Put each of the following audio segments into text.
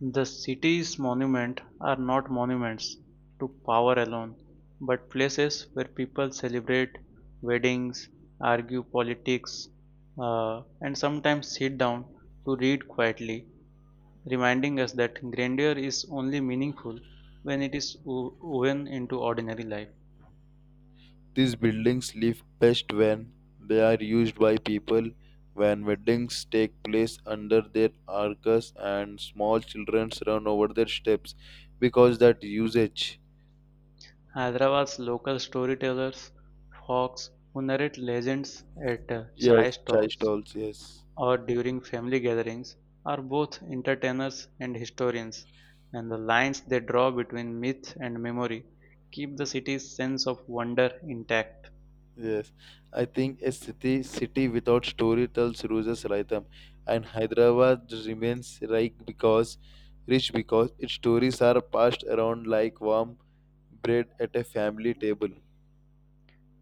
The city's monuments are not monuments to power alone, but places where people celebrate weddings, argue politics, and sometimes sit down to read quietly, reminding us that grandeur is only meaningful when it is woven into ordinary life. These buildings live best when they are used by people, when weddings take place under their arches and small children run over their steps because that usage. Hyderabad's local storytellers, folks who narrate legends at chai Yes, chai stalls, stalls, yes. or during family gatherings are both entertainers and historians, and the lines they draw between myth and memory keep the city's sense of wonder intact. Yes. I think a city without story tells loses rhythm and Hyderabad remains rich because its stories are passed around like warm bread at a family table.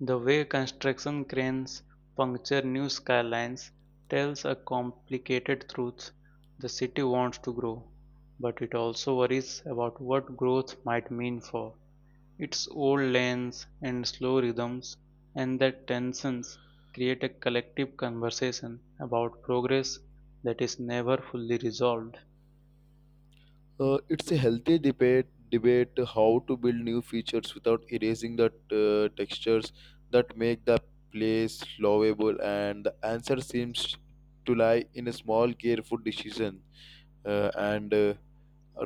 The way construction cranes puncture new skylines tells a complicated truth. The city wants to grow, but it also worries about what growth might mean for its old lanes and slow rhythms, and the tensions create a collective conversation about progress that is never fully resolved. It's a healthy debate how to build new features without erasing the textures that make the place lovable, and the answer seems to lie in a small, careful decision, and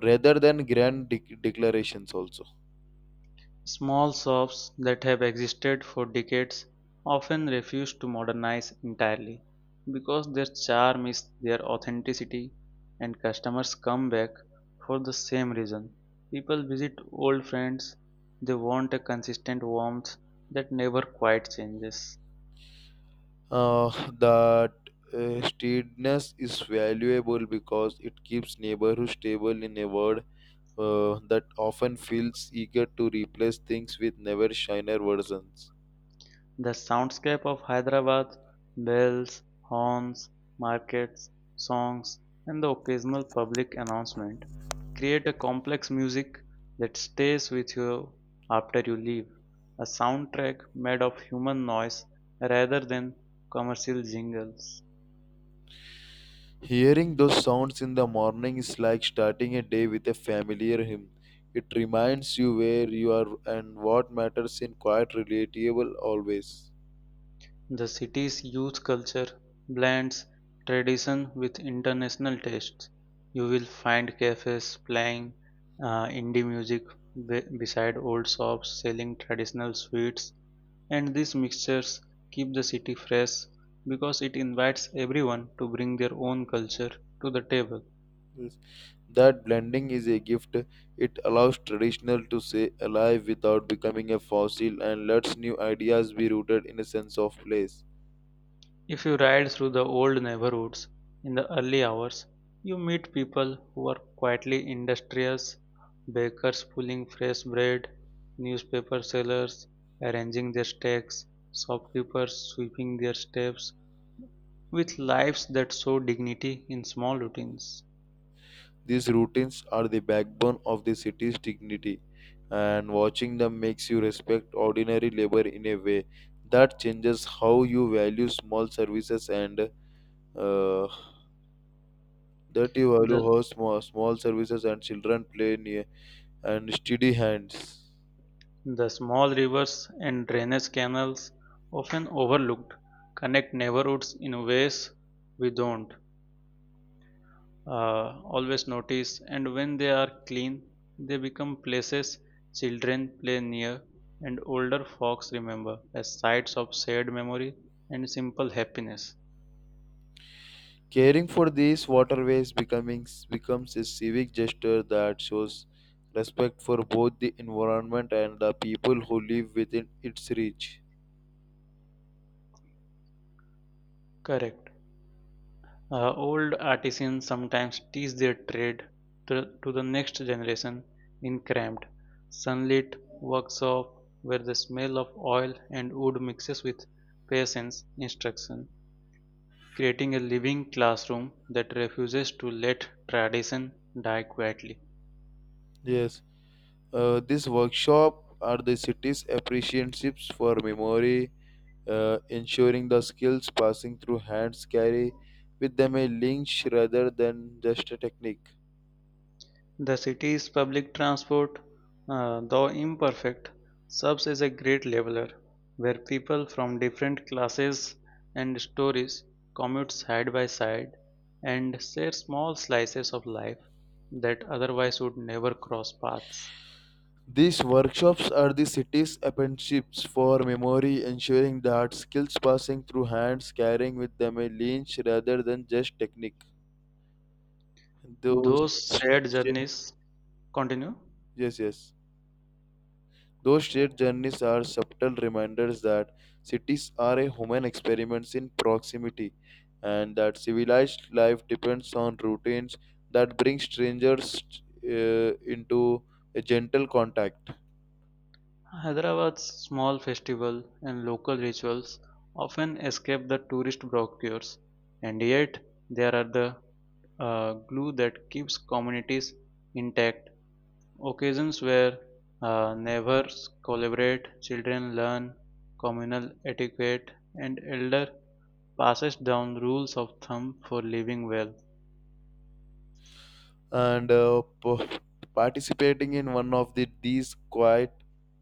rather than grand declarations. Also, Small shops that have existed for decades often refuse to modernize entirely because their charm is their authenticity and customers come back for the same reason. People visit old friends, they want a consistent warmth that never quite changes. uh, that steadiness is valuable because it keeps neighborhoods stable in a world that often feels eager to replace things with never shiner versions. The soundscape of Hyderabad, bells, horns, markets, songs, and the occasional public announcement create a complex music that stays with you after you leave. A soundtrack made of human noise rather than commercial jingles. Hearing those sounds in the morning is like starting a day with a familiar hymn. It reminds you where you are and what matters in quite relatable always. The city's youth culture blends tradition with international tastes. You will find cafes playing indie music beside old shops selling traditional sweets, and these mixtures keep the city fresh because it invites everyone to bring their own culture to the table. Yes. That blending is a gift. It allows traditional to stay alive without becoming a fossil and lets new ideas be rooted in a sense of place. If you ride through the old neighborhoods in the early hours, you meet people who are quietly industrious, bakers pulling fresh bread, newspaper sellers arranging their stacks, shopkeepers sweeping their steps, with lives that show dignity in small routines. These routines are the backbone of the city's dignity, and watching them makes you respect ordinary labor in a way that changes how you value small services and uh, that you value The, how small, small services and children play near and steady hands. the small rivers and drainage canals, often overlooked, connect neighborhoods in ways we don't uh, always notice, and when they are clean they become places children play near and older folks remember as sites of shared memory and simple happiness. Caring for these waterways becoming becomes a civic gesture that shows respect for both the environment and the people who live within its reach. Correct. Old artisans sometimes teach their trade to, to the next generation in cramped, sunlit workshop where the smell of oil and wood mixes with patience instruction, creating a living classroom that refuses to let tradition die quietly. Yes. This workshop are the city's apprenticeships for memory, ensuring the skills passing through hands carry with them a linkage rather than just a technique. The city's public transport, though imperfect, serves as a great leveler where people from different classes and stories commute side by side and share small slices of life that otherwise would never cross paths. These workshops are the city's apprenticeships for memory, ensuring that skills passing through hands carrying with them a linkage rather than just technique. Those, Those shared journeys continue. yes, yes. Those shared journeys are subtle reminders that cities are a human experiments in proximity and that civilized life depends on routines that bring strangers into a gentle contact. Hyderabad's small festival and local rituals often escape the tourist brochures, and yet they are the glue that keeps communities intact. Occasions where neighbors collaborate, children learn communal etiquette, and elder passes down rules of thumb for living well. And participating in one of these quiet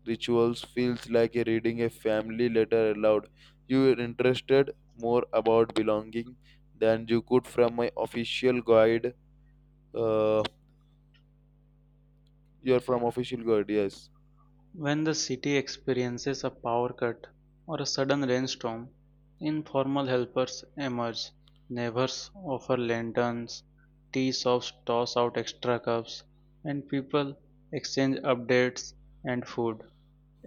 rituals feels like a reading a family letter aloud. You are interested more about belonging than you could from my official guide. Uh, You're from official guard, yes. When the city experiences a power cut or a sudden rainstorm, informal helpers emerge. Neighbors offer lanterns, tea shops toss out extra cups, and people exchange updates and food.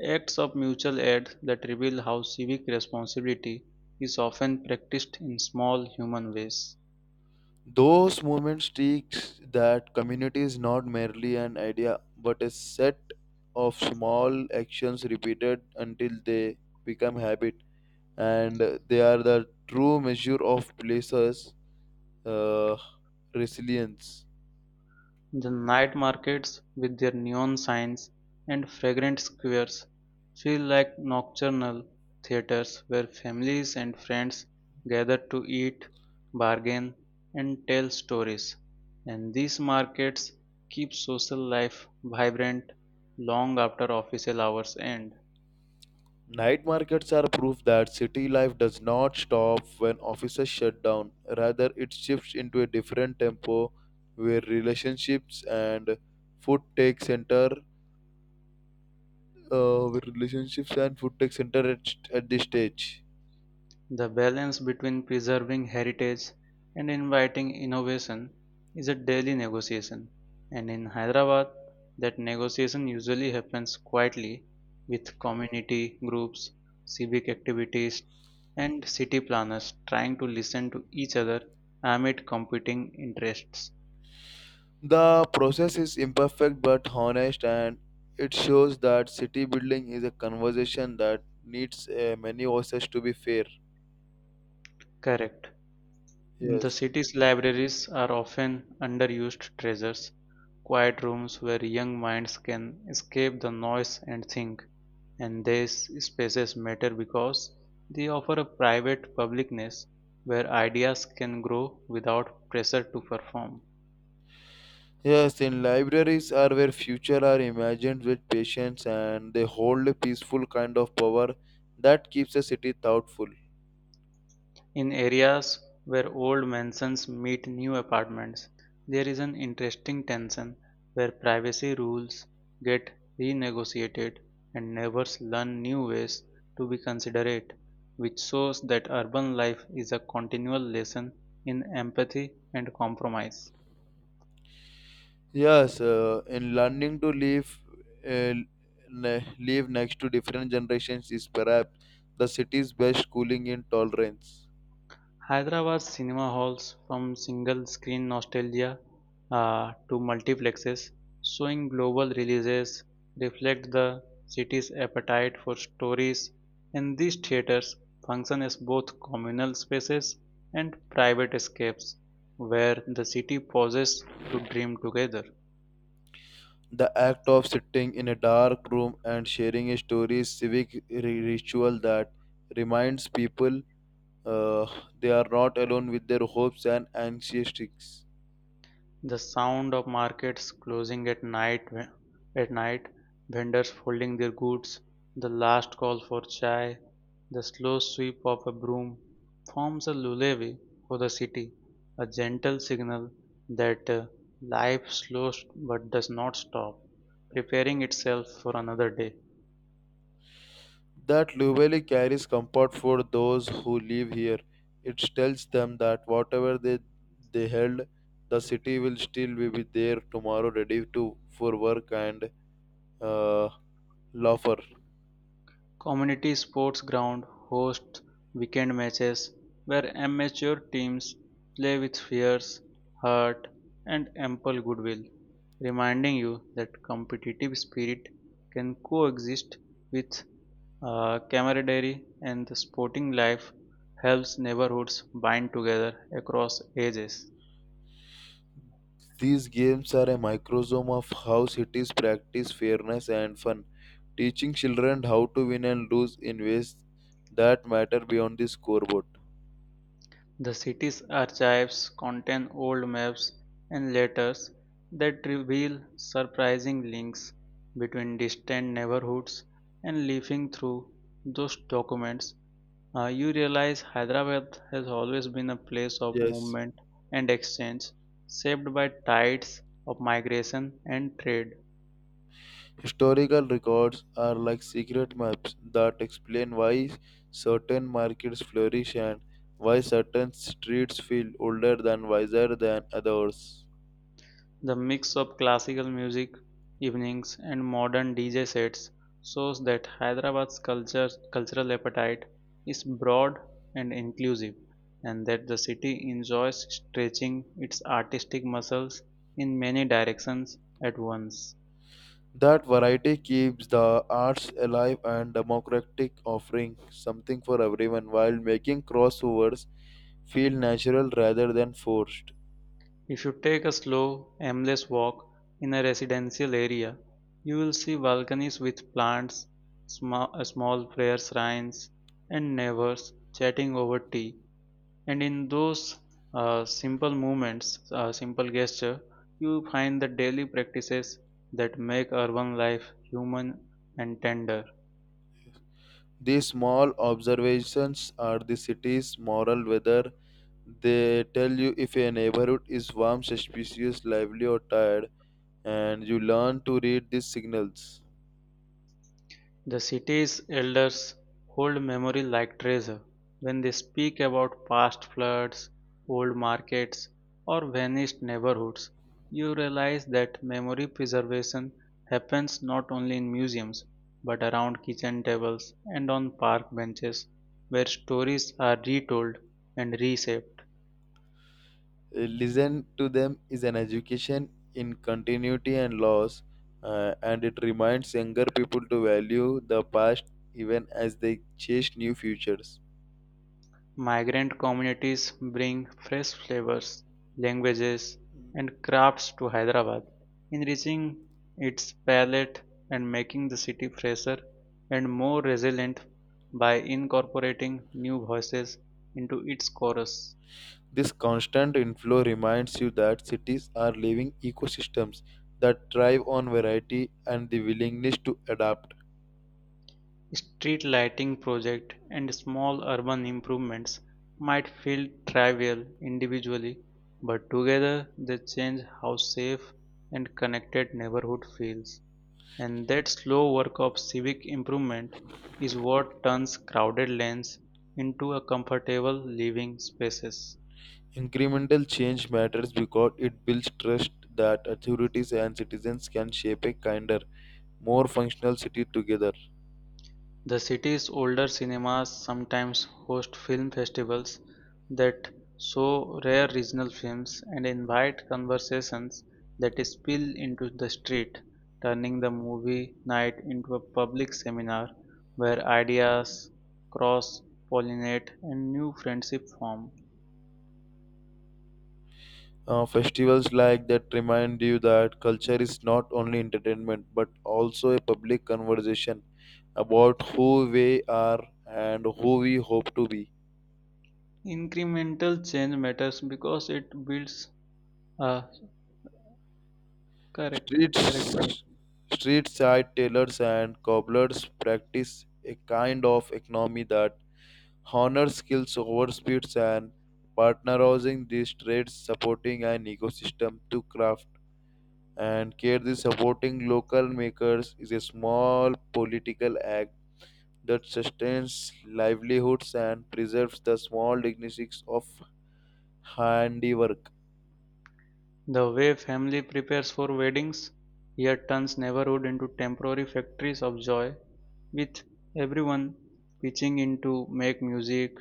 Acts of mutual aid that reveal how civic responsibility is often practiced in small human ways. Those movements teach that community is not merely an idea, but a set of small actions repeated until they become habit, and they are the true measure of places' uh, resilience. The night markets, with their neon signs and fragrant squares, feel like nocturnal theatres where families and friends gather to eat, bargain, and tell stories. And these markets keep social life vibrant long after official hours end. Night markets are proof that city life does not stop when offices shut down. Rather, it shifts into a different tempo where relationships and food take center with relationships and food tech at this stage. The balance between preserving heritage and inviting innovation is a daily negotiation, and in Hyderabad, that negotiation usually happens quietly with community groups, civic activities, and city planners trying to listen to each other amid competing interests. The process is imperfect but honest, and it shows that city building is a conversation that needs many voices to be fair. Correct. The Yes. city's libraries are often underused treasures, quiet rooms where young minds can escape the noise and think, and these spaces matter because they offer a private publicness where ideas can grow without pressure to perform. Yes, in libraries are where future are imagined with patience and they hold a peaceful kind of power that keeps a city thoughtful. In areas where old mansions meet new apartments, there is an interesting tension where privacy rules get renegotiated and neighbors learn new ways to be considerate, which shows that urban life is a continual lesson in empathy and compromise. Yes, in learning to live, uh, live next to different generations is perhaps the city's best schooling in tolerance. Hyderabad cinema halls, from single screen nostalgia to multiplexes showing global releases, reflect the city's appetite for stories, and these theaters function as both communal spaces and private escapes where the city pauses to dream together. The act of sitting in a dark room and sharing a story is civic ritual that reminds people uh, they are not alone with their hopes and anxieties. The sound of markets closing at night, vendors folding their goods, the last call for chai, the slow sweep of a broom forms a lullaby for the city, a gentle signal that life slows but does not stop, preparing itself for another day. That Lubeli carries comfort for those who live here. It tells them that whatever they held, the city will still be with there tomorrow, ready to for work and uh, laughter. Community Sports Ground hosts weekend matches where amateur teams play with fierce heart and ample goodwill, reminding you that competitive spirit can coexist with camaraderie, and the sporting life helps neighborhoods bind together across ages. These games are a microsome of how cities practice fairness and fun, teaching children how to win and lose in ways that matter beyond the scoreboard. The city's archives contain old maps and letters that reveal surprising links between distant neighborhoods, and leafing through those documents, you realize Hyderabad has always been a place of Yes. movement and exchange, shaped by tides of migration and trade. Historical records are like secret maps that explain why certain markets flourish and why certain streets feel older than wiser than others. The mix of classical music evenings and modern DJ sets shows that Hyderabad's cultural appetite is broad and inclusive, and that the city enjoys stretching its artistic muscles in many directions at once. That variety keeps the arts alive and democratic, offering something for everyone while making crossovers feel natural rather than forced. If you take a slow, aimless walk in a residential area, you will see balconies with plants, small prayer shrines, and neighbors chatting over tea, and in those uh, simple movements simple gesture you find the daily practices that make urban life human and tender. These small observations are the city's moral weather. They tell you if a neighborhood is warm, suspicious, lively, or tired, and you learn to read these signals. The city's elders hold memory like treasure when they speak about past floods, old markets, or vanished neighborhoods. You realize that memory preservation happens not only in museums but around kitchen tables and on park benches where stories are retold and reshaped. Listen to them is an education in continuity and loss, and it reminds younger people to value the past even as they chase new futures. Migrant communities bring fresh flavors, languages, and crafts to Hyderabad, enriching its palate and making the city fresher and more resilient by incorporating new voices into its chorus. This constant inflow reminds you that cities are living ecosystems that thrive on variety and the willingness to adapt. Street lighting project and small urban improvements might feel trivial individually, but together they change how safe and connected neighborhood feels. And that slow work of civic improvement is what turns crowded lanes into a comfortable living spaces. Incremental change matters because it builds trust that authorities and citizens can shape a kinder, more functional city together. The city's older cinemas sometimes host film festivals that show rare regional films and invite conversations that spill into the street, turning the movie night into a public seminar where ideas cross pollinate and new friendship form. Festivals like that remind you that culture is not only entertainment but also a public conversation about who we are and who we hope to be. Incremental change matters because it builds a correct correct Streets, word. Street side tailors and cobblers practice a kind of economy that honor skills over speeds and partnerizing these trades supporting an ecosystem to craft and care the supporting local makers is a small political act that sustains livelihoods and preserves the small dignities of handiwork The way family prepares for weddings here turns neighborhood into temporary factories of joy, with everyone pitching in to make music,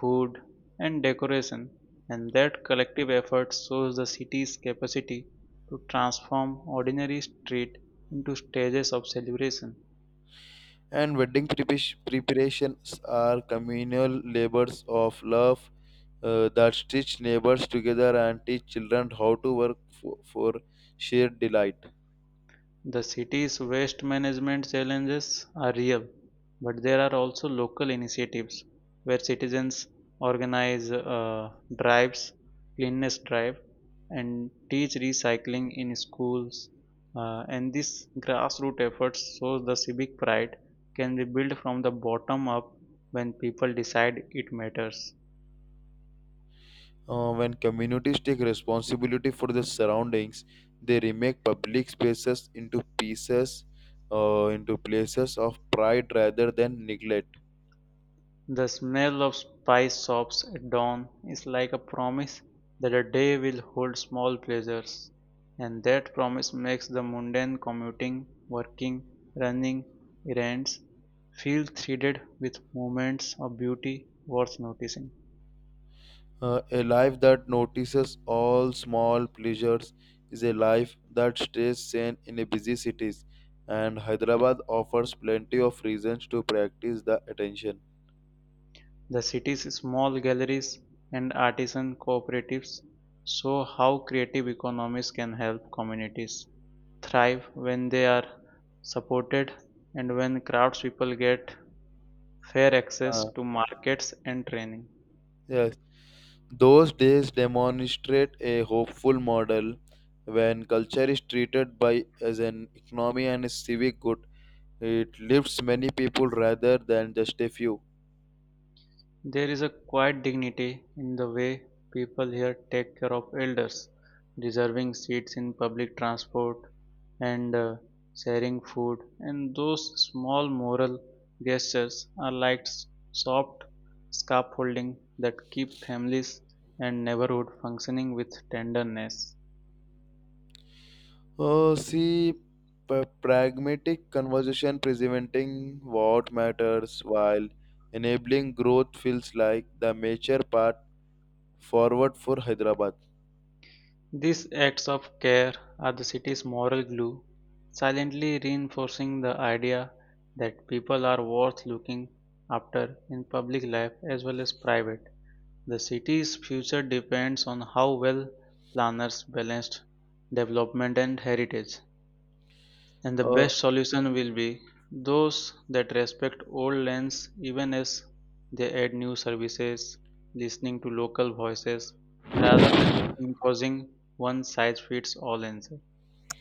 food, and decoration, and that collective effort shows the city's capacity to transform ordinary street into stages of celebration. and wedding preparations are communal labors of love that stitch neighbors together and teach children how to work for shared delight. The city's waste management challenges are real, but there are also local initiatives where citizens organize drives, cleanliness drive, and teach recycling in schools. And these grassroots efforts shows the civic pride can be built from the bottom up when people decide it matters. When communities take responsibility for their surroundings, they remake public spaces into pieces, into places of pride rather than neglect. The smell of spice shops at dawn is like a promise that a day will hold small pleasures, and that promise makes the mundane commuting, working, running, errands feel threaded with moments of beauty worth noticing. A life that notices all small pleasures is a life that stays sane in a busy cities, and Hyderabad offers plenty of reasons to practice the attention. The city's small galleries and artisan cooperatives show how creative economies can help communities thrive when they are supported and when craftspeople get fair access Uh, to markets and training. yes. Those days demonstrate a hopeful model when culture is treated by as an economy and a civic good. It lifts many people rather than just a few. There is a quiet dignity in the way people here take care of elders, reserving seats in public transport and sharing food, and those small moral gestures are like soft scaffolding that keep families and neighborhood functioning with tenderness. Oh, see, pragmatic conversation presenting what matters while enabling growth feels like the major path forward for Hyderabad. These acts of care are the city's moral glue, silently reinforcing the idea that people are worth looking after in public life as well as private. The city's future depends on how well planners balance development and heritage, and the Uh, best solution will be those that respect old lanes even as they add new services, listening to local voices rather than imposing one size fits all answer.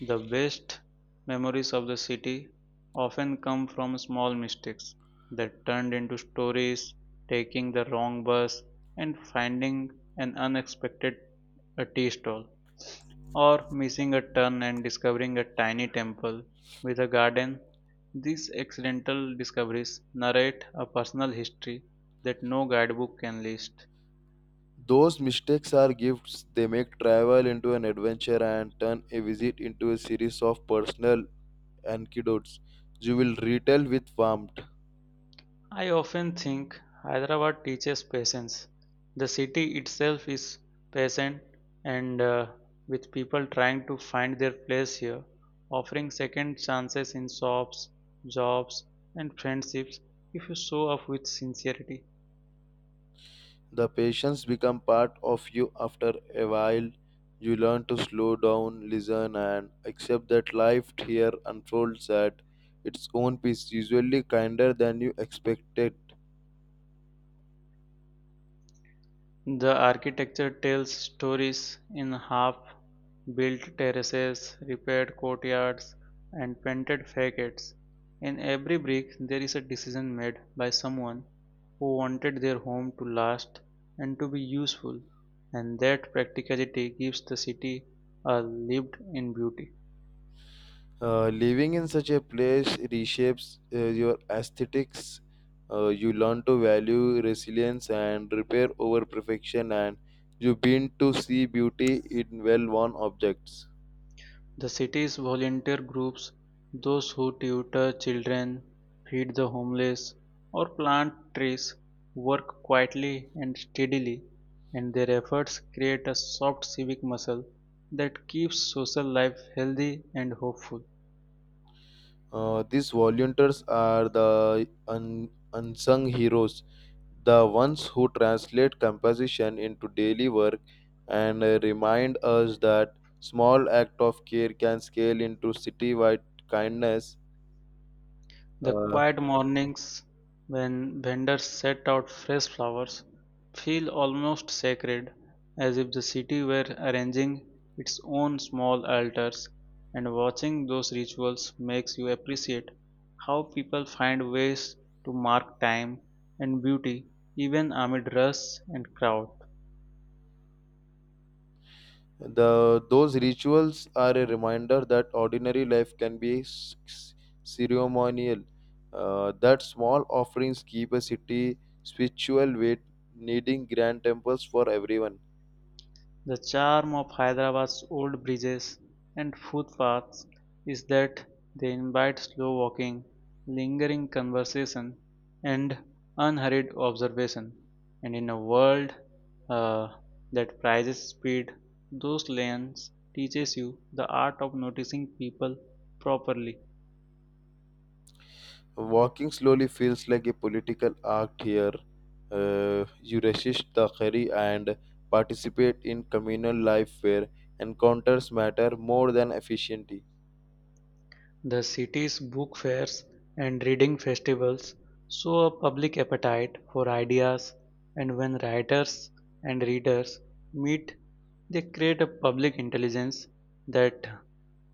The best memories of the city often come from small mistakes that turned into stories, taking the wrong bus, and finding an unexpected a tea stall, or missing a turn and discovering a tiny temple with a garden. These accidental discoveries narrate a personal history that no guidebook can list. those mistakes are gifts. They make travel into an adventure and turn a visit into a series of personal anecdotes you will retell with warmth. I often think Hyderabad teaches patience. The city itself is patient and with people trying to find their place here, offering second chances in shops, jobs, and friendships if you show up with sincerity. The patients become part of you after a while. You learn to slow down, listen, and accept that life here unfolds at its own pace, usually kinder than you expected. The architecture tells stories in half-built terraces, repaired courtyards, and painted facades. In every brick, there is a decision made by someone who wanted their home to last and to be useful, and that practicality gives the city a lived in beauty. Living in such a place reshapes your aesthetics. You learn to value resilience and repair over perfection, and you begin to see beauty in well worn objects. The city's volunteer groups, those who tutor children, feed the homeless, or plant trees, work quietly and steadily, and their efforts create a soft civic muscle that keeps social life healthy and hopeful. These volunteers are the unsung heroes, the ones who translate composition into daily work and remind us that small act of care can scale into citywide kindness. The Uh, quiet mornings when vendors set out fresh flowers feel almost sacred, as if the city were arranging its own small altars, and watching those rituals makes you appreciate how people find ways to mark time and beauty even amid rush and crowd. the those rituals are a reminder that ordinary life can be ceremonial. That small offerings keep a city spiritual weight, needing grand temples for everyone. The charm of Hyderabad's old bridges and footpaths is that they invite slow walking, lingering conversation, and unhurried observation. And in a world uh, that prizes speed, those lanes teaches you the art of noticing people properly. Walking slowly feels like a political act here. You resist the hurry and participate in communal life where encounters matter more than efficiency. The city's book fairs and reading festivals show a public appetite for ideas, and when writers and readers meet, they create a public intelligence that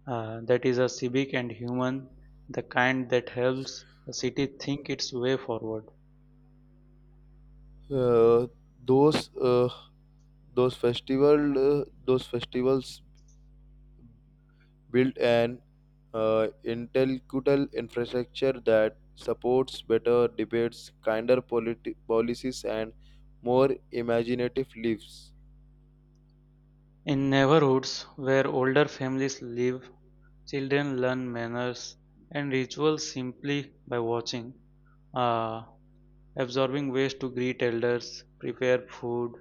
that is a civic and human, the kind that helps the city think its way forward. Uh, those uh, those festivals build an intellectual infrastructure that supports better debates, kinder policies, and more imaginative lives. In neighborhoods where older families live, children learn manners and rituals simply by watching. Uh, Absorbing ways to greet elders, prepare food,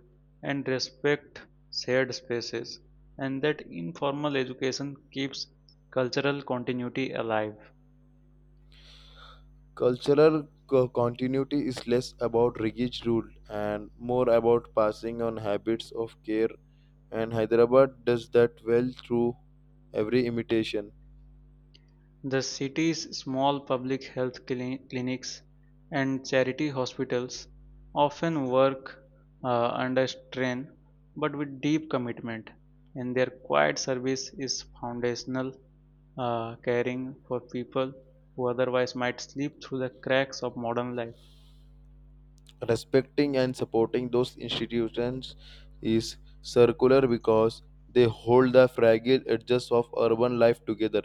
and respect shared spaces, and that informal education keeps cultural continuity alive. Cultural continuity is less about rigid rule and more about passing on habits of care, and Hyderabad does that well through every imitation. The city's small public health clinics and charity hospitals often work under strain but with deep commitment, and their quiet service is foundational, caring for people who otherwise might slip through the cracks of modern life. Respecting and supporting those institutions is circular because they hold the fragile edges of urban life together.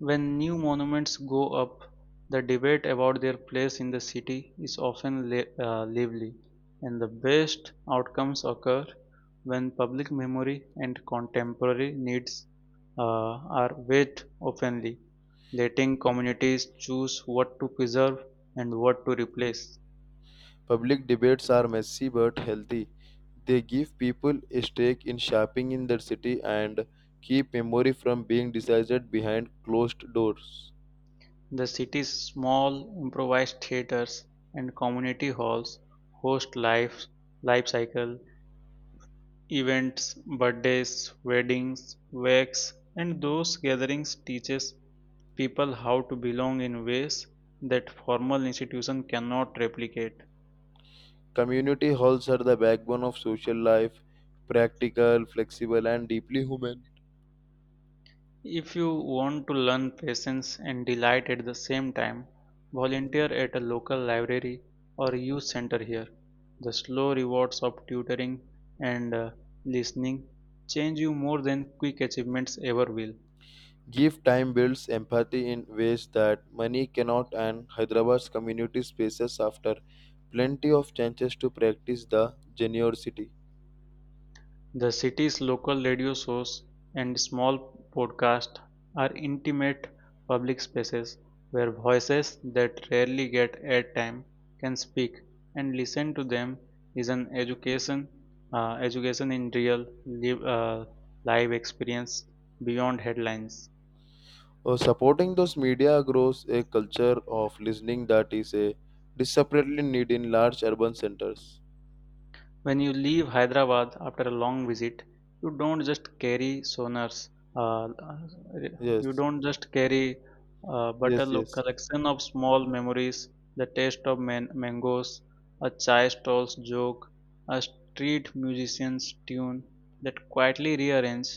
When new monuments go up, the debate about their place in the city is often lively, and the best outcomes occur when public memory and contemporary needs uh, are weighed openly, letting communities choose what to preserve and what to replace. Public debates are messy but healthy. They give people a stake in shaping in their city and keep memory from being decided behind closed doors. The city's small improvised theaters and community halls host life cycle events, birthdays, weddings, wakes, and those gatherings teaches people how to belong in ways that formal institution cannot replicate. Community halls are the backbone of social life, practical, flexible, and deeply human. If you want to learn patience and delight at the same time, volunteer at a local library or youth center here. The slow rewards of tutoring and listening change you more than quick achievements ever will. Give time builds empathy in ways that money cannot, and Hyderabad's community spaces after plenty of chances to practice the generosity. The city's local radio shows and small podcasts are intimate public spaces where voices that rarely get airtime can speak, and listen to them is an education in live, uh, live experience beyond headlines. Supporting those media grows a culture of listening that is a desperately need in large urban centers. When you leave Hyderabad after a long visit, you don't just carry sonars, uh, you Yes, don't just carry, but a yes, yes, collection of small memories, the taste of mangoes, a chai stall's joke, a street musician's tune that quietly rearrange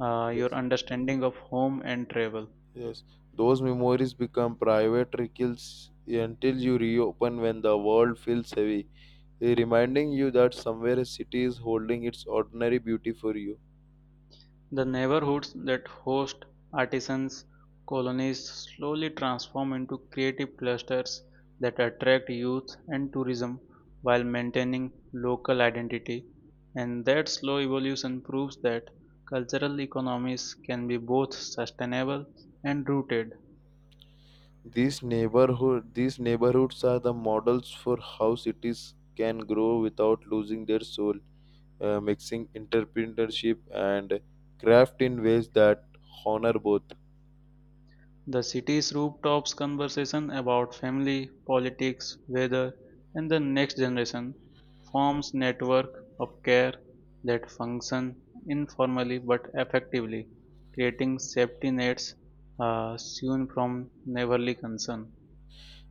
your yes, understanding of home and travel. yes. Those memories become private rituals until you reopen when the world feels heavy, reminding you that somewhere a city is holding its ordinary beauty for you. The neighborhoods that host artisans' colonies slowly transform into creative clusters that attract youth and tourism while maintaining local identity. And that slow evolution proves that cultural economies can be both sustainable and rooted. These neighborhoods are the models for how cities can grow without losing their soul, mixing entrepreneurship and craft in ways that honor both. The city's rooftops conversation about family, politics, weather, and the next generation forms network of care that function informally but effectively, creating safety nets sewn from neighborly concern.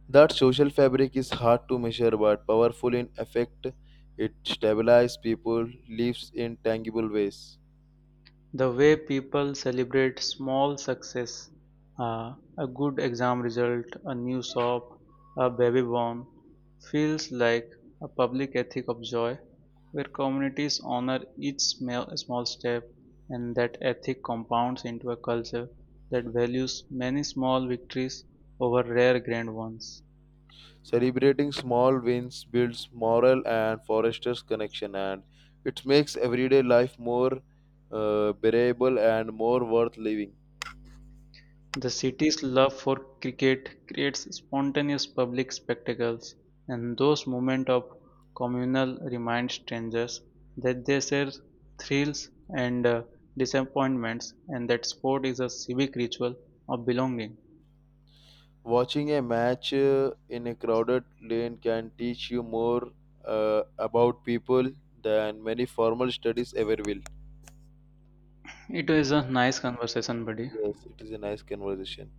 That social fabric is hard to measure but powerful in effect. It stabilizes people, lives in tangible ways. The way people celebrate small success, a good exam result, a new shop, a baby born, feels like a public ethic of joy where communities honor each small step, and that ethic compounds into a culture that values many small victories over rare grand ones. Celebrating small wins builds moral and fosters connection, and it makes everyday life more bearable and more worth living. The city's love for cricket creates spontaneous public spectacles, and those moments of communal remind strangers that they share thrills and disappointments, and that sport is a civic ritual of belonging. Watching a match in a crowded lane can teach you more about people than many formal studies ever will. It was a nice conversation, buddy. Yes, it is a nice conversation.